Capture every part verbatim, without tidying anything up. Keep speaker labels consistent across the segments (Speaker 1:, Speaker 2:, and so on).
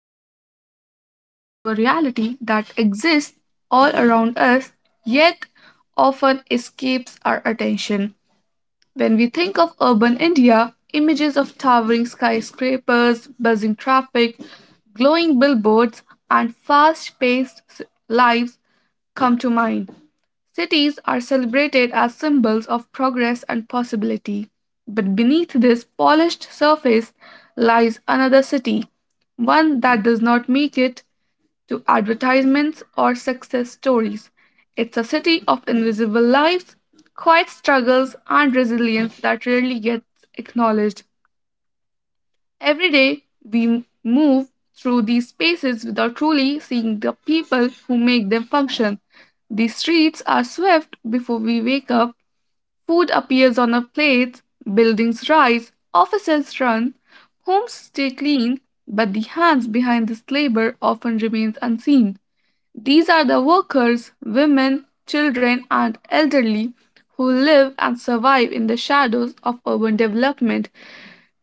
Speaker 1: Today, we are diving into a reality that exists all around us yet often escapes our attention. When we think of urban India, images of towering skyscrapers, buzzing traffic, glowing billboards, and fast paced lives come to mind. Cities are celebrated as symbols of progress and possibility, but beneath this polished surface lies another city, one that does not make it to advertisements or success stories. It's a city of invisible lives, quiet struggles, and resilience that rarely gets acknowledged. Every day, we move through these spaces without truly seeing the people who make them function. The streets are swept before we wake up, food appears on our plates, buildings rise, offices run, homes stay clean, but the hands behind this labor often remains unseen. These are the workers, women, children, and elderly who live and survive in the shadows of urban development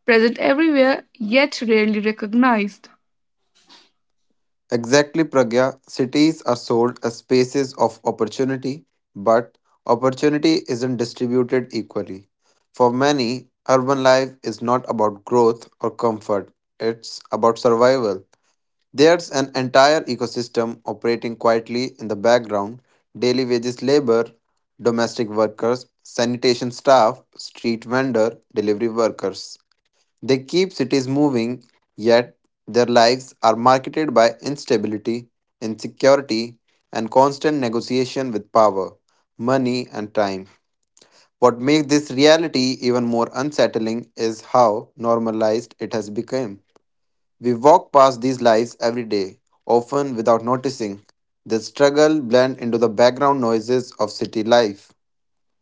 Speaker 1: present everywhere yet rarely recognized.
Speaker 2: Exactly, Pragya. Cities are sold as spaces of opportunity, but opportunity isn't distributed equally. For many, urban life is not about growth or comfort, it's about survival. There's an entire ecosystem operating quietly in the background daily wages, labor, domestic workers, sanitation staff, street vendor, delivery workers. They keep cities moving, yet their lives are marketed by instability, insecurity, and constant negotiation with power, money, and time. What makes this reality even more unsettling is how normalized it has become. We walk past these lives every day, often without noticing. The struggle blends into the background noises of city life.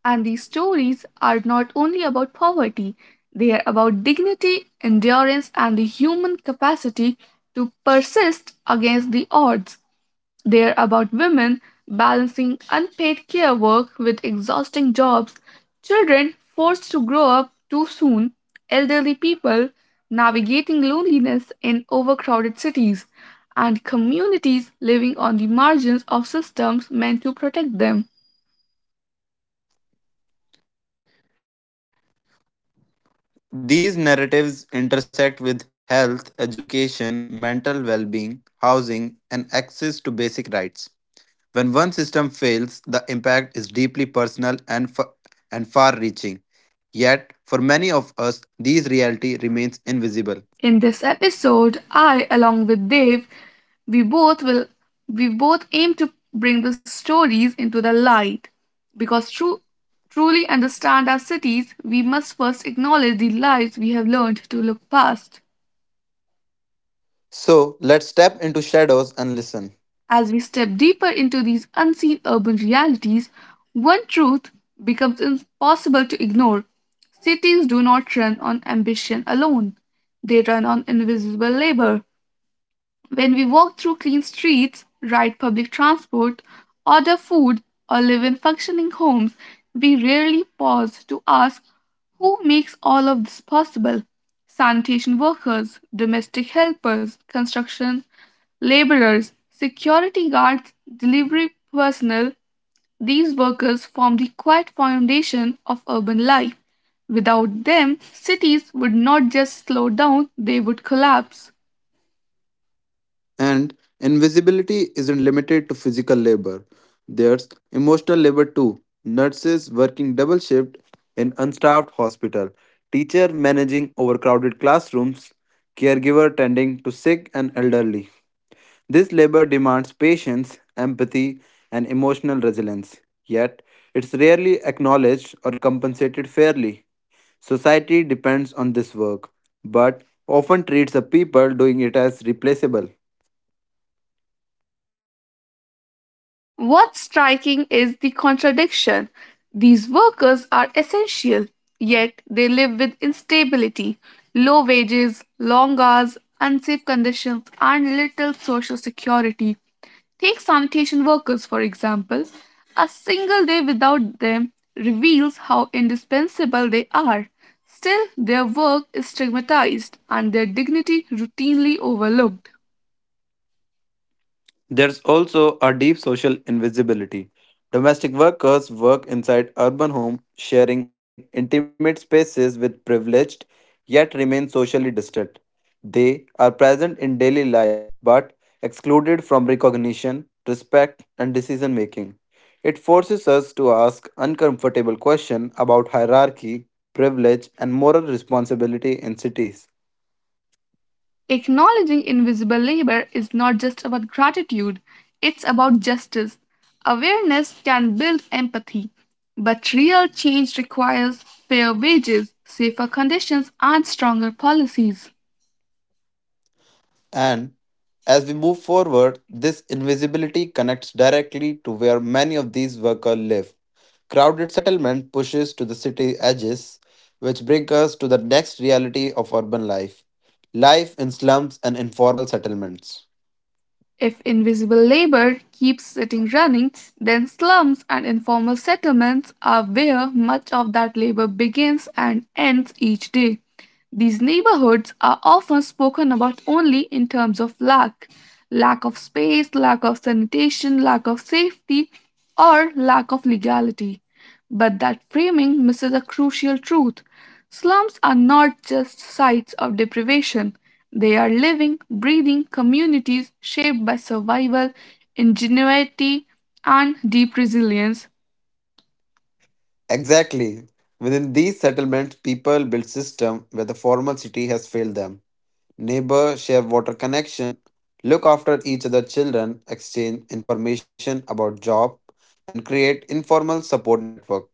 Speaker 1: And these stories are not only about poverty, they are about dignity, endurance, and the human capacity to persist against the odds. They're about women balancing unpaid care work with exhausting jobs, children forced to grow up too soon, elderly people navigating loneliness in overcrowded cities, and communities living on the margins of systems meant to protect them.
Speaker 2: These narratives intersect with health, education, mental well being, housing, and access to basic rights. When one system fails, the impact is deeply personal and, fa- and far reaching. Yet, for many of us, this reality remains invisible.
Speaker 1: In this episode, I, along with Dave, we both will we both aim to bring the stories into the light because to truly understand our cities, we must first acknowledge the lives we have learned to look past.
Speaker 2: So, let's step into shadows and listen.
Speaker 1: As we step deeper into these unseen urban realities, one truth becomes impossible to ignore. Cities do not run on ambition alone. They run on invisible labor. When we walk through clean streets, ride public transport, order food, or live in functioning homes, we rarely pause to ask who makes all of this possible? Sanitation workers, domestic helpers, construction laborers, security guards, delivery personnel. These workers form the quiet foundation of urban life. Without them, cities would not just slow down, they would collapse.
Speaker 2: And invisibility isn't limited to physical labor. There's emotional labor too. Nurses working double shift in unstaffed hospital, teacher managing overcrowded classrooms, caregiver tending to sick and elderly. This labor demands patience, empathy, and emotional resilience. Yet, it's rarely acknowledged or compensated fairly. Society depends on this work, but often treats the people doing it as replaceable.
Speaker 1: What's striking is the contradiction. These workers are essential, yet they live with instability, low wages, long hours, unsafe conditions, and little social security. Take sanitation workers, for example. A single day without them reveals how indispensable they are. Still, their work is stigmatized and their dignity routinely overlooked.
Speaker 2: There's also a deep social invisibility. Domestic workers work inside urban homes, sharing intimate spaces with privileged, yet remain socially distant. They are present in daily life, but excluded from recognition, respect, and decision making. It forces us to ask uncomfortable questions about hierarchy, privilege, and moral responsibility in cities.
Speaker 1: Acknowledging invisible labor is not just about gratitude, it's about justice. Awareness can build empathy, but real change requires fair wages, safer conditions, and stronger policies.
Speaker 2: And as we move forward, this invisibility connects directly to where many of these workers live. Crowded settlement pushes to the city edges, which brings us to the next reality of urban life life in slums and informal settlements.
Speaker 1: If invisible labor keeps sitting running, then slums and informal settlements are where much of that labor begins and ends each day. These neighborhoods are often spoken about only in terms of lack lack of space, lack of sanitation, lack of safety, or lack of legality. But that framing misses a crucial truth. Slums are not just sites of deprivation, they are living, breathing communities shaped by survival, ingenuity, and deep resilience.
Speaker 2: Exactly. Within these settlements, people build systems where the formal city has failed them. Neighbors share water connection, look after each other's children, exchange information about job, and create informal support network.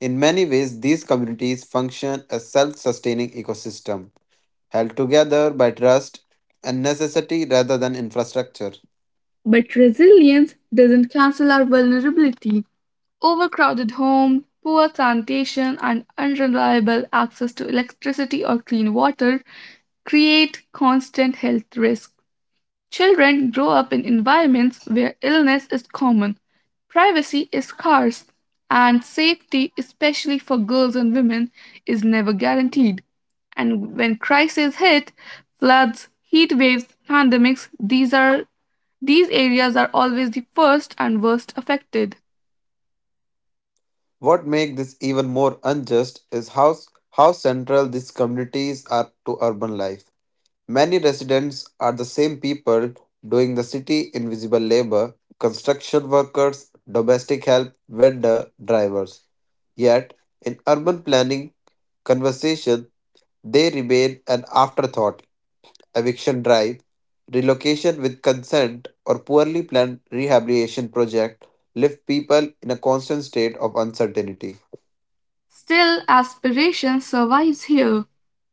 Speaker 2: In many ways, these communities function as self-sustaining ecosystem, held together by trust and necessity rather than infrastructure.
Speaker 1: But resilience doesn't cancel our vulnerability. Overcrowded homes, poor sanitation, and unreliable access to electricity or clean water create constant health risks. Children grow up in environments where illness is common, privacy is scarce, and safety, especially for girls and women, is never guaranteed. And when crises hit, floods, heat waves, pandemics, these are these areas are always the first and worst affected.
Speaker 2: What makes this even more unjust is how, how central these communities are to urban life. Many residents are the same people doing the city invisible labor, construction workers, domestic help, vendor, drivers. Yet, in urban planning conversation, they remain an afterthought. Eviction drive, relocation with consent, or poorly planned rehabilitation project leave people in a constant state of uncertainty.
Speaker 1: Still, aspiration survives here.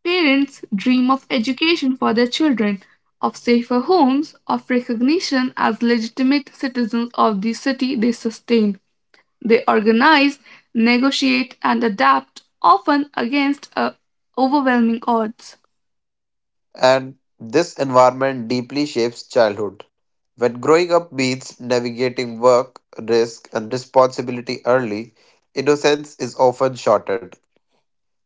Speaker 1: Parents dream of education for their children, of safer homes, of recognition as legitimate citizens of the city they sustain. They organize, negotiate, and adapt, often against uh, overwhelming odds.
Speaker 2: And this environment deeply shapes childhood. When growing up means navigating work, risk, and responsibility early, innocence is often shortened,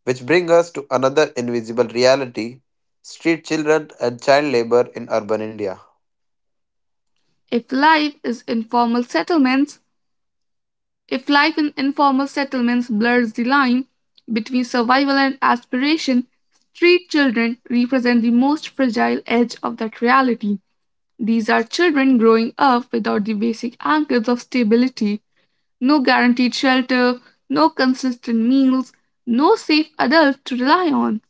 Speaker 2: which brings us to another invisible reality street children and child labor in urban India.
Speaker 1: If life is informal settlements, If life in informal settlements blurs the line between survival and aspiration, street children represent the most fragile edge of that reality. These are children growing up without the basic anchors of stability no guaranteed shelter, no consistent meals, no safe adult to rely on.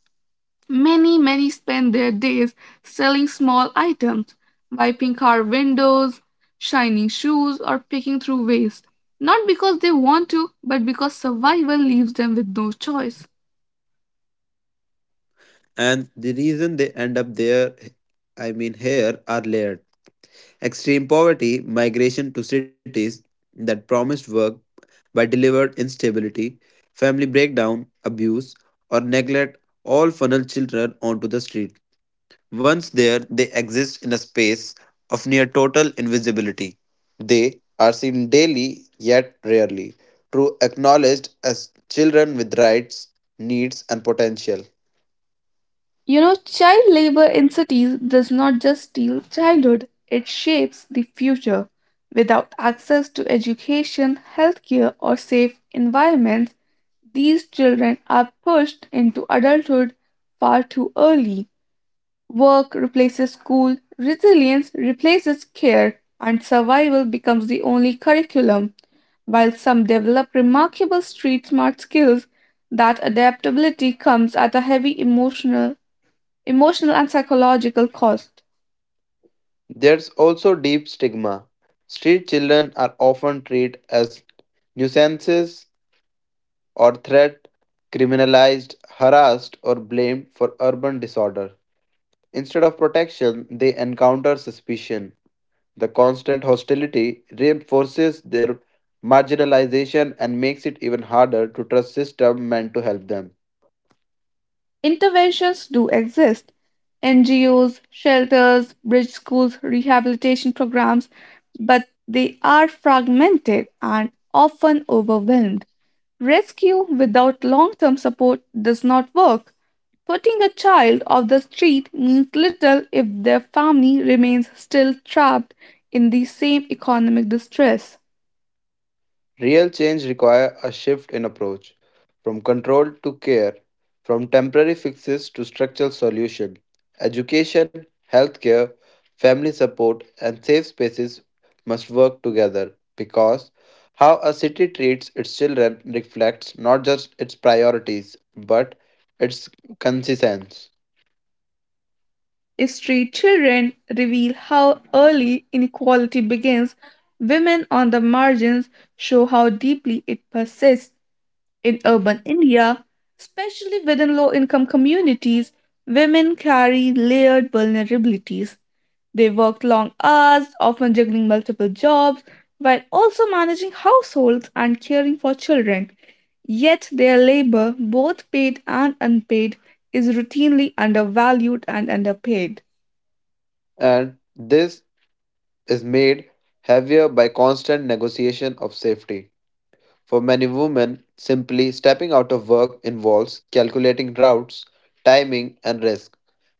Speaker 1: Many, many spend their days selling small items, wiping car windows, shining shoes, or picking through waste. Not because they want to, but because survival leaves them with no choice.
Speaker 2: And the reason they end up there, I mean here, are layered. Extreme poverty, migration to cities that promised work but delivered instability, family breakdown, abuse, or neglect all funnel children onto the street. Once there, they exist in a space of near total invisibility. They are seen daily, yet rarely, true acknowledged as children with rights, needs, and potential.
Speaker 1: You know, child labor in cities does not just steal childhood, it shapes the future. Without access to education, healthcare, or safe environments, these children are pushed into adulthood far too early. Work replaces school, resilience replaces care, and survival becomes the only curriculum. While some develop remarkable street smart skills, that adaptability comes at a heavy emotional, emotional and psychological cost.
Speaker 2: There's also deep stigma. Street children are often treated as nuisances or threat, criminalized, harassed, or blamed for urban disorder. Instead of protection, they encounter suspicion. The constant hostility reinforces their marginalization and makes it even harder to trust systems meant to help them.
Speaker 1: Interventions do exist. N G Os, shelters, bridge schools, rehabilitation programs, but they are fragmented and often overwhelmed. Rescue without long term support does not work. Putting a child off the street means little if their family remains still trapped in the same economic distress.
Speaker 2: Real change requires a shift in approach from control to care, from temporary fixes to structural solutions. Education, healthcare, family support, and safe spaces must work together because how a city treats its children reflects not just its priorities but its consistence.
Speaker 1: If street children reveal how early inequality begins, women on the margins show how deeply it persists in urban India, especially within low income communities. Women carry layered vulnerabilities. They work long hours, often juggling multiple jobs, while also managing households and caring for children. Yet their labor, both paid and unpaid, is routinely undervalued and underpaid.
Speaker 2: And this is made heavier by constant negotiation of safety. For many women, simply stepping out of work involves calculating routes, timing, and risk.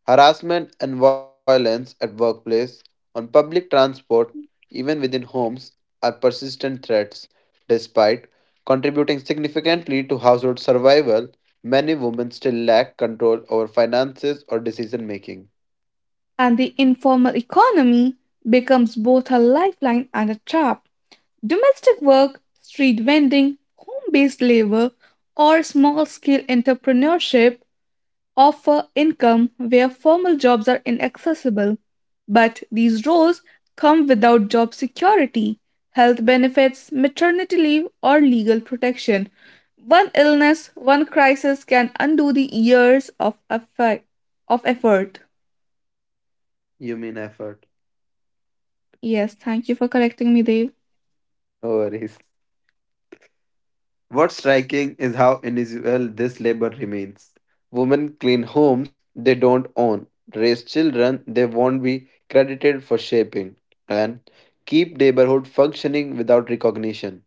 Speaker 2: Harassment and violence at workplace, on public transport, even within homes are persistent threats. Despite contributing significantly to household survival, many women still lack control over finances or decision making.
Speaker 1: And the informal economy becomes both a lifeline and a trap. Domestic work, street vending, home based labor, or small scale entrepreneurship offer income where formal jobs are inaccessible. But these roles come without job security, health benefits, maternity leave, or legal protection. One illness, one crisis can undo the years of effort. Of effort.
Speaker 2: You mean effort?
Speaker 1: Yes, thank you for correcting me, Dave.
Speaker 2: No worries. What's striking is how invisible this labor remains. Women clean homes they don't own, raise children they won't be credited for shaping, and keep neighborhood functioning without recognition.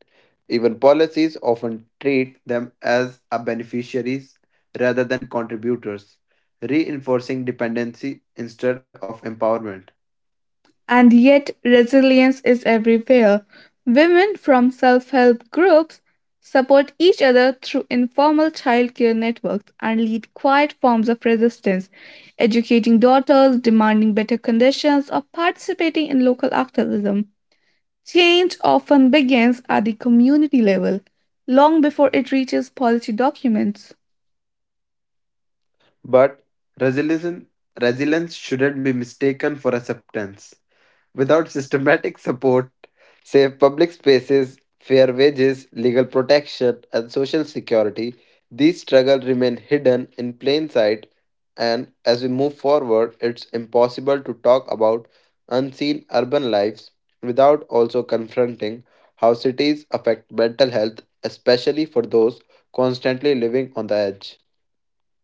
Speaker 2: Even policies often treat them as a beneficiaries rather than contributors, reinforcing dependency instead of empowerment.
Speaker 1: And yet, resilience is everywhere. Women from self help groups support each other through informal childcare networks and lead quiet forms of resistance, educating daughters, demanding better conditions, or participating in local activism. Change often begins at the community level, long before it reaches policy documents.
Speaker 2: But resilience, resilience shouldn't be mistaken for acceptance. Without systematic support, safe public spaces, fair wages, legal protection, and social security, these struggles remain hidden in plain sight. And as we move forward, it's impossible to talk about unseen urban lives without also confronting how cities affect mental health, especially for those constantly living on the edge.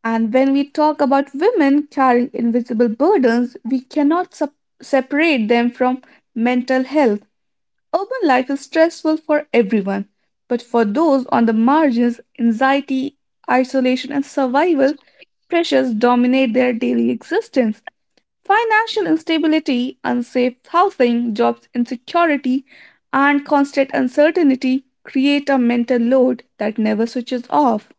Speaker 1: And when we talk about women carrying invisible burdens, we cannot sup- separate them from mental health. Urban life is stressful for everyone, but for those on the margins, anxiety, isolation, and survival pressures dominate their daily existence. Financial instability, unsafe housing, jobs insecurity, and constant uncertainty create a mental load that never switches off.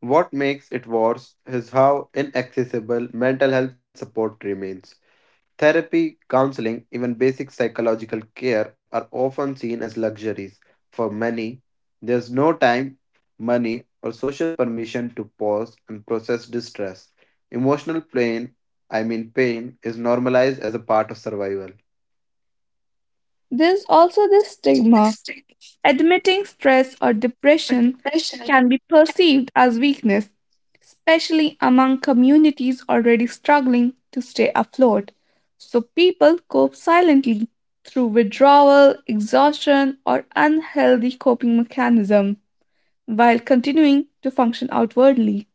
Speaker 2: What makes it worse is how inaccessible mental health support remains. Therapy, counseling, even basic psychological care are often seen as luxuries. For many, there's no time, money, or social permission to pause and process distress. Emotional pain, I mean pain, is normalized as a part of survival.
Speaker 1: There's also this stigma. Admitting stress or depression can be perceived as weakness, especially among communities already struggling to stay afloat. So people cope silently through withdrawal, exhaustion, or unhealthy coping mechanism while continuing to function outwardly.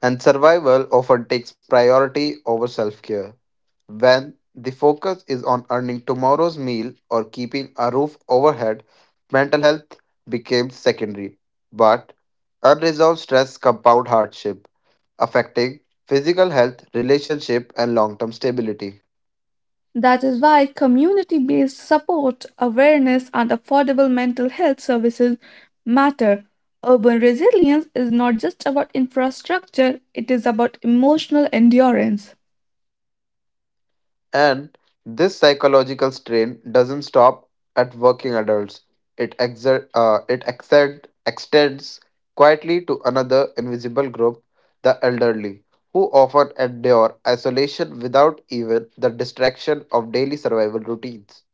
Speaker 2: And survival often takes priority over self care. When the focus is on earning tomorrow's meal or keeping a roof overhead, mental health becomes secondary. But unresolved stress compound hardship, affecting physical health, relationship, and long-term stability.
Speaker 1: That is why community based support, awareness, and affordable mental health services matter. Urban resilience is not just about infrastructure, it is about emotional endurance.
Speaker 2: And this psychological strain doesn't stop at working adults. It, exer- uh, it exer- extends quietly to another invisible group, the elderly, who often endure isolation without even the distraction of daily survival routines.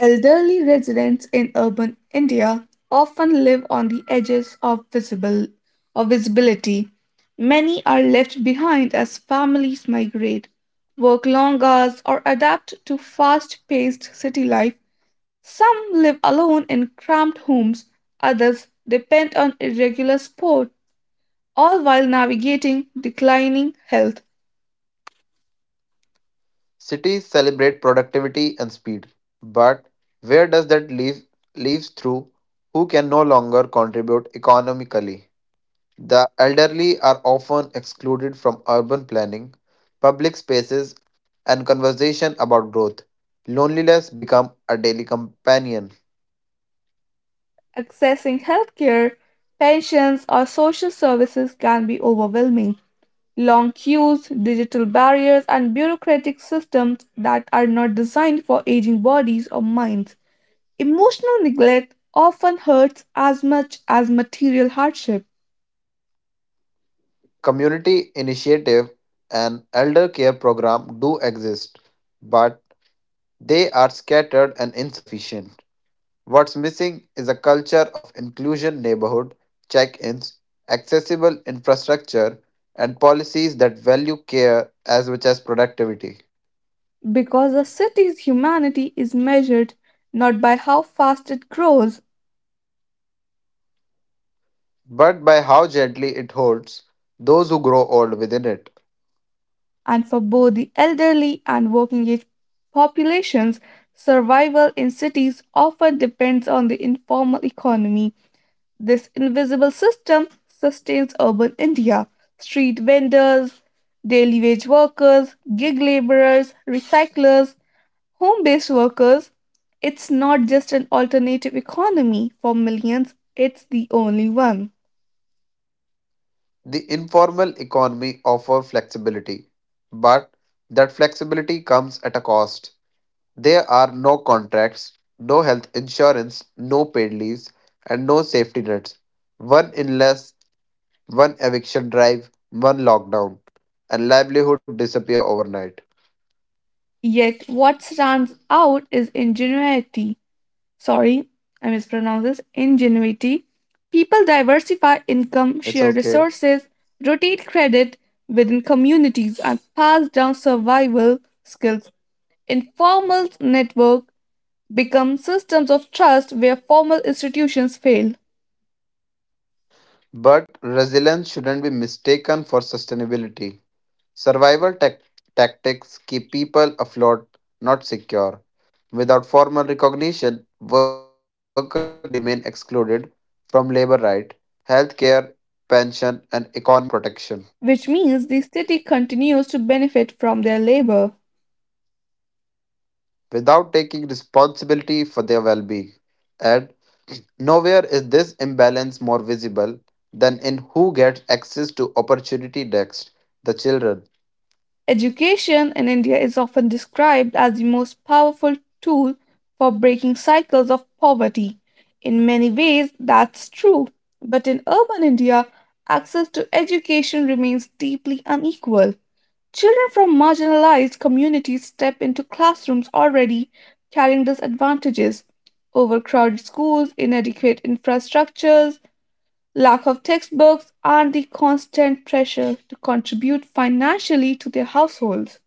Speaker 1: Elderly residents in urban India often live on the edges of visible of visibility. Many are left behind as families migrate, work long hours, or adapt to fast-paced city life. Some live alone in cramped homes, others depend on irregular sport, all while navigating declining health.
Speaker 2: Cities celebrate productivity and speed, but where does that leave leaves through who can no longer contribute economically? The elderly are often excluded from urban planning, public spaces, and conversation about growth. Loneliness become a daily companion.
Speaker 1: Accessing healthcare, pensions, or social services can be overwhelming. Long queues, digital barriers, and bureaucratic systems that are not designed for aging bodies or minds. Emotional neglect often hurts as much as material hardship.
Speaker 2: Community initiative and elder care program do exist, but they are scattered and insufficient. What's missing is a culture of inclusion neighborhood check-ins, accessible infrastructure, and policies that value care as much as productivity.
Speaker 1: Because a city's humanity is measured not by how fast it grows,
Speaker 2: But by how gently it holds those who grow old within it.
Speaker 1: and for both the elderly and working age populations, survival in cities often depends on the informal economy. This invisible system sustains urban India. Street vendors, daily wage workers, gig laborers, recyclers, home based workers. It's not just an alternative economy for millions, it's the only one.
Speaker 2: The informal economy offers flexibility, but that flexibility comes at a cost. There are no contracts, no health insurance, no paid leaves, and no safety nets. One illness, one eviction drive, one lockdown, and livelihood disappear overnight.
Speaker 1: Yet, what stands out is ingenuity. Sorry, I mispronounced this. Ingenuity. People
Speaker 2: It's
Speaker 1: diversify
Speaker 2: okay.
Speaker 1: income, share resources, rotate credit within communities, and pass down survival skills. Informal network become systems of trust where formal institutions fail,
Speaker 2: But resilience shouldn't be mistaken for sustainability. Survival tac- Tactics keep people afloat, not secure. Without formal recognition, workers remain excluded from labor rights, healthcare, pension, and economic protection
Speaker 1: which means the city continues to benefit from their labor.
Speaker 2: without taking responsibility for their well being. And nowhere is this imbalance more visible than in who gets access to opportunity next the children.
Speaker 1: Education in India is often described as the most powerful tool for breaking cycles of poverty. In many ways, that's true. But in urban India, access to education remains deeply unequal. Children from marginalized communities step into classrooms already carrying disadvantages. Overcrowded schools, inadequate infrastructures, lack of textbooks, and the constant pressure to contribute financially to their households.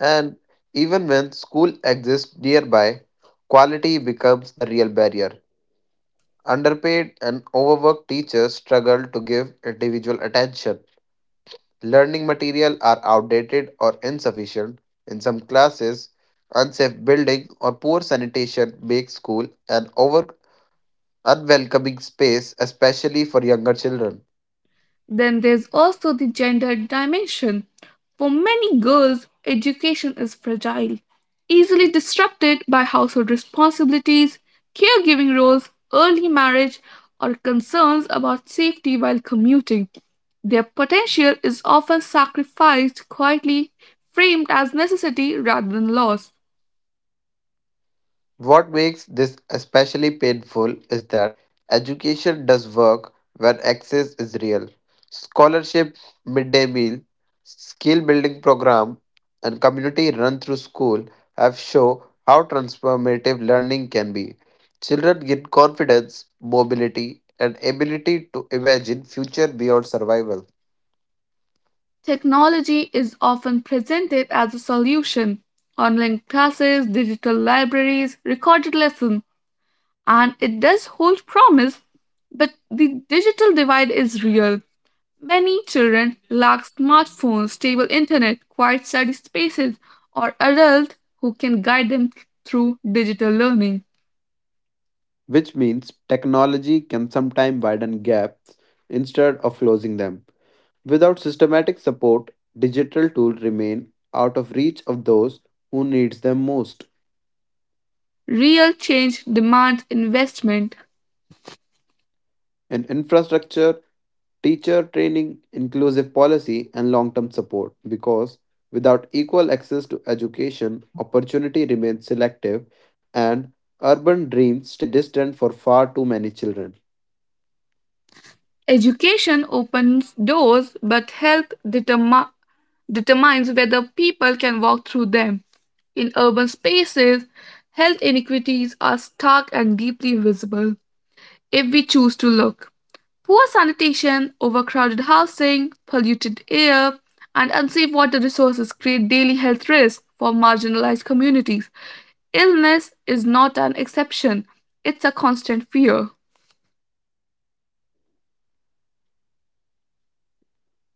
Speaker 2: And even when school exists nearby, quality becomes the real barrier. Underpaid and overworked teachers struggle to give individual attention. Learning material are outdated or insufficient. In some classes, unsafe building or poor sanitation make school an over unwelcoming space, especially for younger children.
Speaker 1: Then there's also the gender dimension. For many girls, education is fragile, easily disrupted by household responsibilities, caregiving roles, early marriage, or concerns about safety while commuting. Their potential is often sacrificed quietly, framed as necessity rather than loss.
Speaker 2: What makes this especially painful is that education does work when access is real. Scholarship, midday meal, skill building program, and community run through school have shown how transformative learning can be. Children gain confidence, mobility, and ability to imagine future beyond survival,
Speaker 1: Technology is often presented as a solution. Online classes, digital libraries, recorded lessons. And it does hold promise, but the digital divide is real. Many children lack smartphones, stable internet, quiet study spaces, or adults who can guide them through digital learning.
Speaker 2: which means technology can sometimes widen gaps instead of closing them. Without systematic support, digital tools remain out of reach of those who needs them most.
Speaker 1: Real change demands investment.
Speaker 2: And infrastructure, teacher training, inclusive policy and long-term support because without equal access to education, opportunity remains selective and urban dreams stay distant for far too many children.
Speaker 1: Education opens doors, but health determines determines whether people can walk through them. In urban spaces, health inequities are stark and deeply visible. If we choose to look. Poor sanitation, overcrowded housing, polluted air, and unsafe water resources create daily health risks for marginalized communities. Illness is not an exception, it's a constant fear.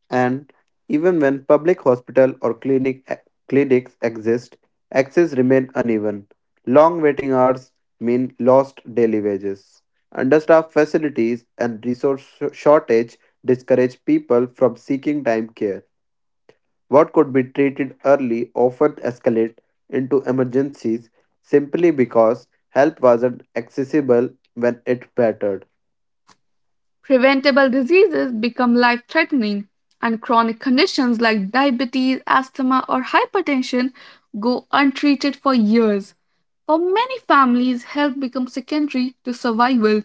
Speaker 2: And even when public hospital or clinic eh, clinics exist, access remain uneven. Long waiting hours mean lost daily wages. Understaffed facilities and resource sh- shortage discourage people from seeking time care. What could be treated early often escalate into emergencies simply because help wasn't accessible when it mattered.
Speaker 1: Preventable diseases become life threatening, and chronic conditions like diabetes, asthma, or hypertension go untreated for years. For many families, health becomes secondary to survival.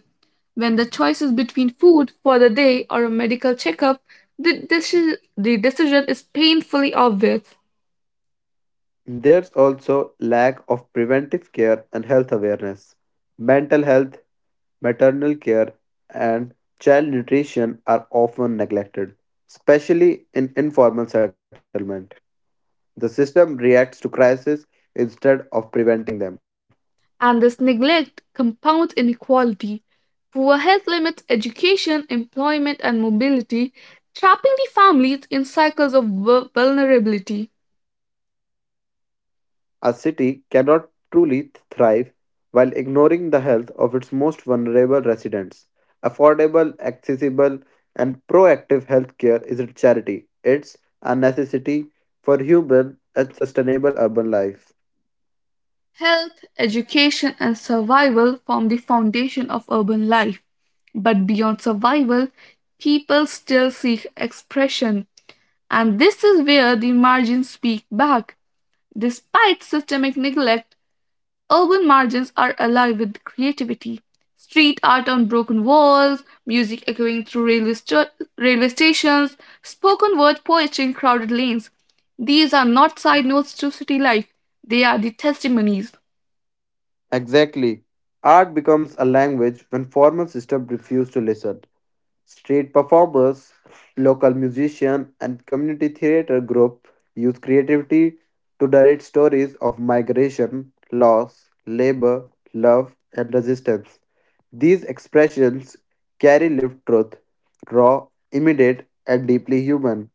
Speaker 1: When the choice is between food for the day or a medical checkup, the, deci- the decision is painfully obvious.
Speaker 2: There's also lack of preventive care and health awareness. Mental health, maternal care, and child nutrition are often neglected, especially in informal settlement. The system reacts to crises instead of preventing them.
Speaker 1: And this neglect compounds inequality. Poor health limits education, employment, and mobility, trapping the families in cycles of vu- vulnerability.
Speaker 2: A city cannot truly thrive while ignoring the health of its most vulnerable residents. Affordable, accessible, and proactive healthcare isn't charity, it's a necessity for human and sustainable urban life.
Speaker 1: Health, education, and survival form the foundation of urban life. But beyond survival, people still seek expression. And this is where the margins speak back. Despite systemic neglect, urban margins are alive with creativity. Street art on broken walls, music echoing through railway, st- railway stations, spoken word poetry in crowded lanes. These are not side notes to city life, they are the testimonies.
Speaker 2: Exactly. Art becomes a language when formal systems refuse to listen. Street performers, local musicians, and community theater groups use creativity to narrate stories of migration, loss, labor, love, and resistance. These expressions carry lived truth, raw, immediate, and deeply human,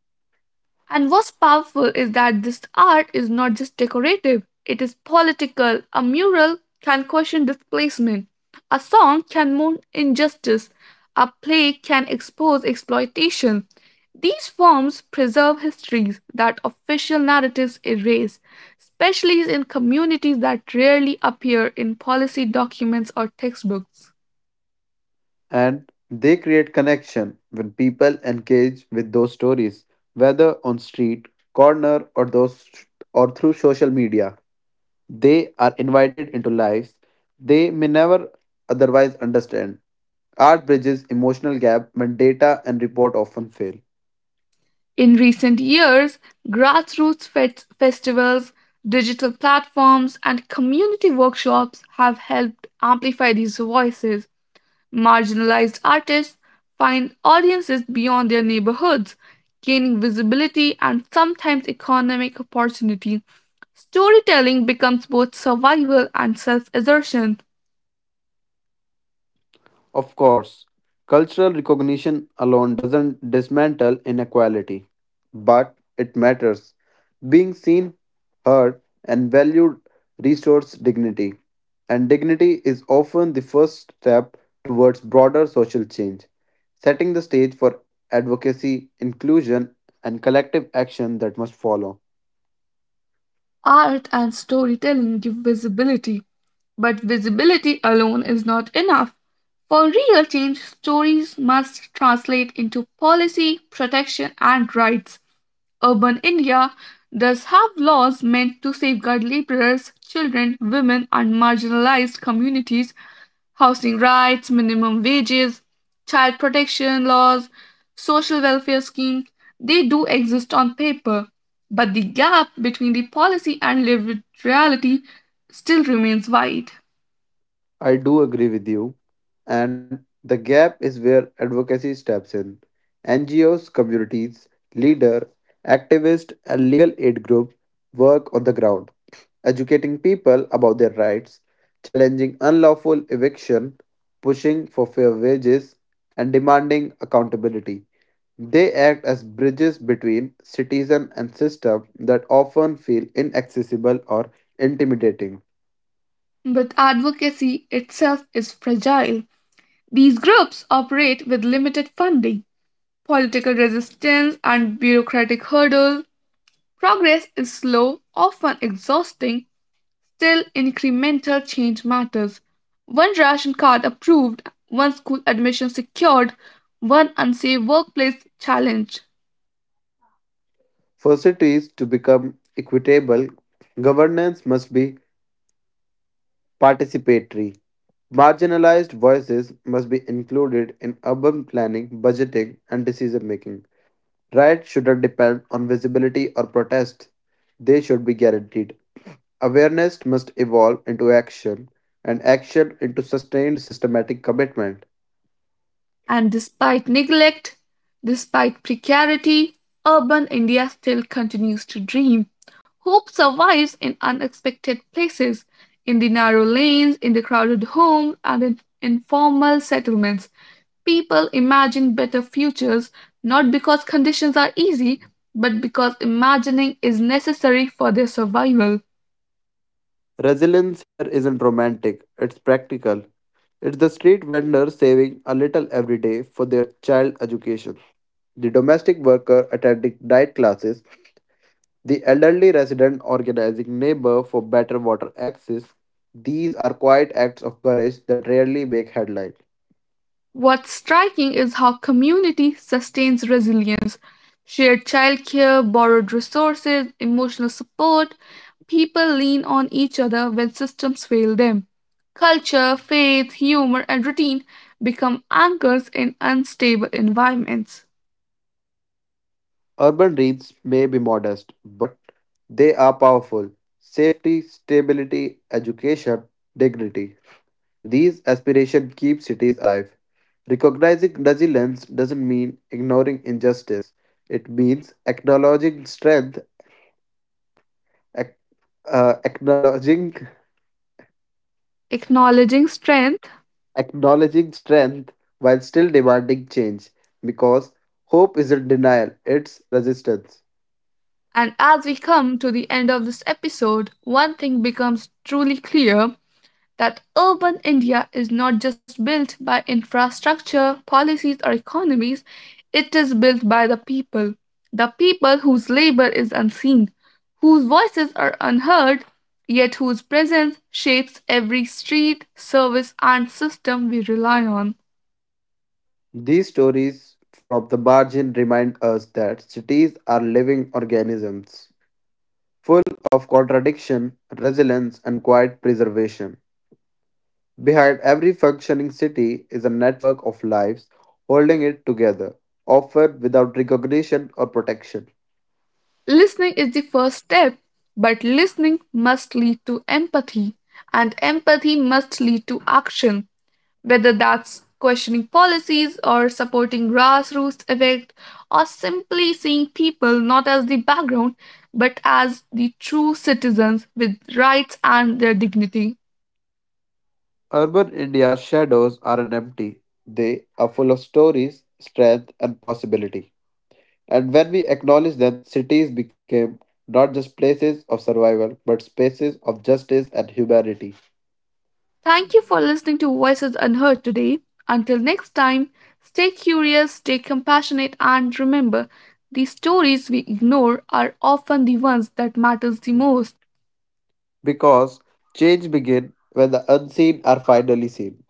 Speaker 1: And what's powerful is that this art is not just decorative, it is political. A mural can question displacement, a song can mourn injustice, a play can expose exploitation. These forms preserve histories that official narratives erase, especially in communities that rarely appear in policy documents or textbooks.
Speaker 2: and they create connection when people engage with those stories, whether on street, corner, or those or through social media. They are invited into lives they may never otherwise understand. Art bridges emotional gap when data and report often fail.
Speaker 1: In recent years, grassroots fet- festivals, digital platforms, and community workshops have helped amplify these voices. Marginalized artists find audiences beyond their neighborhoods, gaining visibility and sometimes economic opportunity. Storytelling becomes both survival and self assertion.
Speaker 2: Of course, cultural recognition alone doesn't dismantle inequality, but it matters. Being seen, heard, and valued restores dignity, and dignity is often the first step towards broader social change, setting the stage for advocacy, inclusion, and collective action that must follow.
Speaker 1: Art and storytelling give visibility, but visibility alone is not enough. For real change, stories must translate into policy, protection, and rights. Urban India does have laws meant to safeguard laborers, children, women, and marginalized communities housing rights, minimum wages, child protection laws, social welfare schemes, they do exist on paper, but the gap between the policy and lived reality still remains wide.
Speaker 2: I do agree with you. And the gap is where advocacy steps in. N G Os, communities, leader, activist, and legal aid groups work on the ground, educating people about their rights, challenging unlawful eviction, pushing for fair wages, and demanding accountability. They act as bridges between citizen and system that often feel inaccessible or intimidating.
Speaker 1: But advocacy itself is fragile. These groups operate with limited funding, political resistance, and bureaucratic hurdles. Progress is slow, often exhausting. Still, incremental change matters. One ration card approved, one school admission secured, one unsafe workplace challenged.
Speaker 2: First, it is to become equitable, governance must be participatory. Marginalized voices must be included in urban planning, budgeting, and decision making. Rights shouldn't depend on visibility or protest, they should be guaranteed. Awareness must evolve into action, and action into sustained systematic commitment.
Speaker 1: And despite neglect, despite precarity, urban India still continues to dream. Hope survives in unexpected places, in the narrow lanes, in the crowded homes, and in informal settlements. People imagine better futures not because conditions are easy, but because imagining is necessary for their survival.
Speaker 2: Resilience here isn't romantic, it's practical. It's the street vendor saving a little every day for their child education. The domestic worker attending night classes, the elderly resident organizing neighbor for better water access. These are quiet acts of courage that rarely make headlines.
Speaker 1: What's striking is how community sustains resilience. Shared childcare, borrowed resources, emotional support, people lean on each other when systems fail them. Culture, faith, humor, and routine become anchors in unstable environments.
Speaker 2: Urban dreams may be modest, but they are powerful. Safety, stability, education, dignity. These aspirations keep cities alive. Recognizing resilience doesn't mean ignoring injustice. It means acknowledging strength, ac- uh, acknowledging
Speaker 1: Acknowledging strength,
Speaker 2: acknowledging strength while still demanding change because hope isn't denial, it's resistance.
Speaker 1: and as we come to the end of this episode, one thing becomes truly clear that urban India is not just built by infrastructure, policies, or economies, it is built by the people, the people whose labor is unseen, whose voices are unheard, yet whose presence shapes every street, service, and system we rely on.
Speaker 2: These stories from the margin remind us that cities are living organisms, full of contradiction, resilience, and quiet preservation. Behind every functioning city is a network of lives holding it together, often without recognition or protection.
Speaker 1: Listening is the first step, but listening must lead to empathy, and empathy must lead to action. Whether that's questioning policies or supporting grassroots effect or simply seeing people not as the background but as the true citizens with rights and their dignity.
Speaker 2: Urban India's shadows aren't empty. They are full of stories, strength, and possibility. And when we acknowledge them, cities became not just places of survival, but spaces of justice and humanity.
Speaker 1: Thank you for listening to Voices Unheard today. Until next time, stay curious, stay compassionate and remember the stories we ignore are often the ones that matters the most.
Speaker 2: Because change begins when the unseen are finally seen.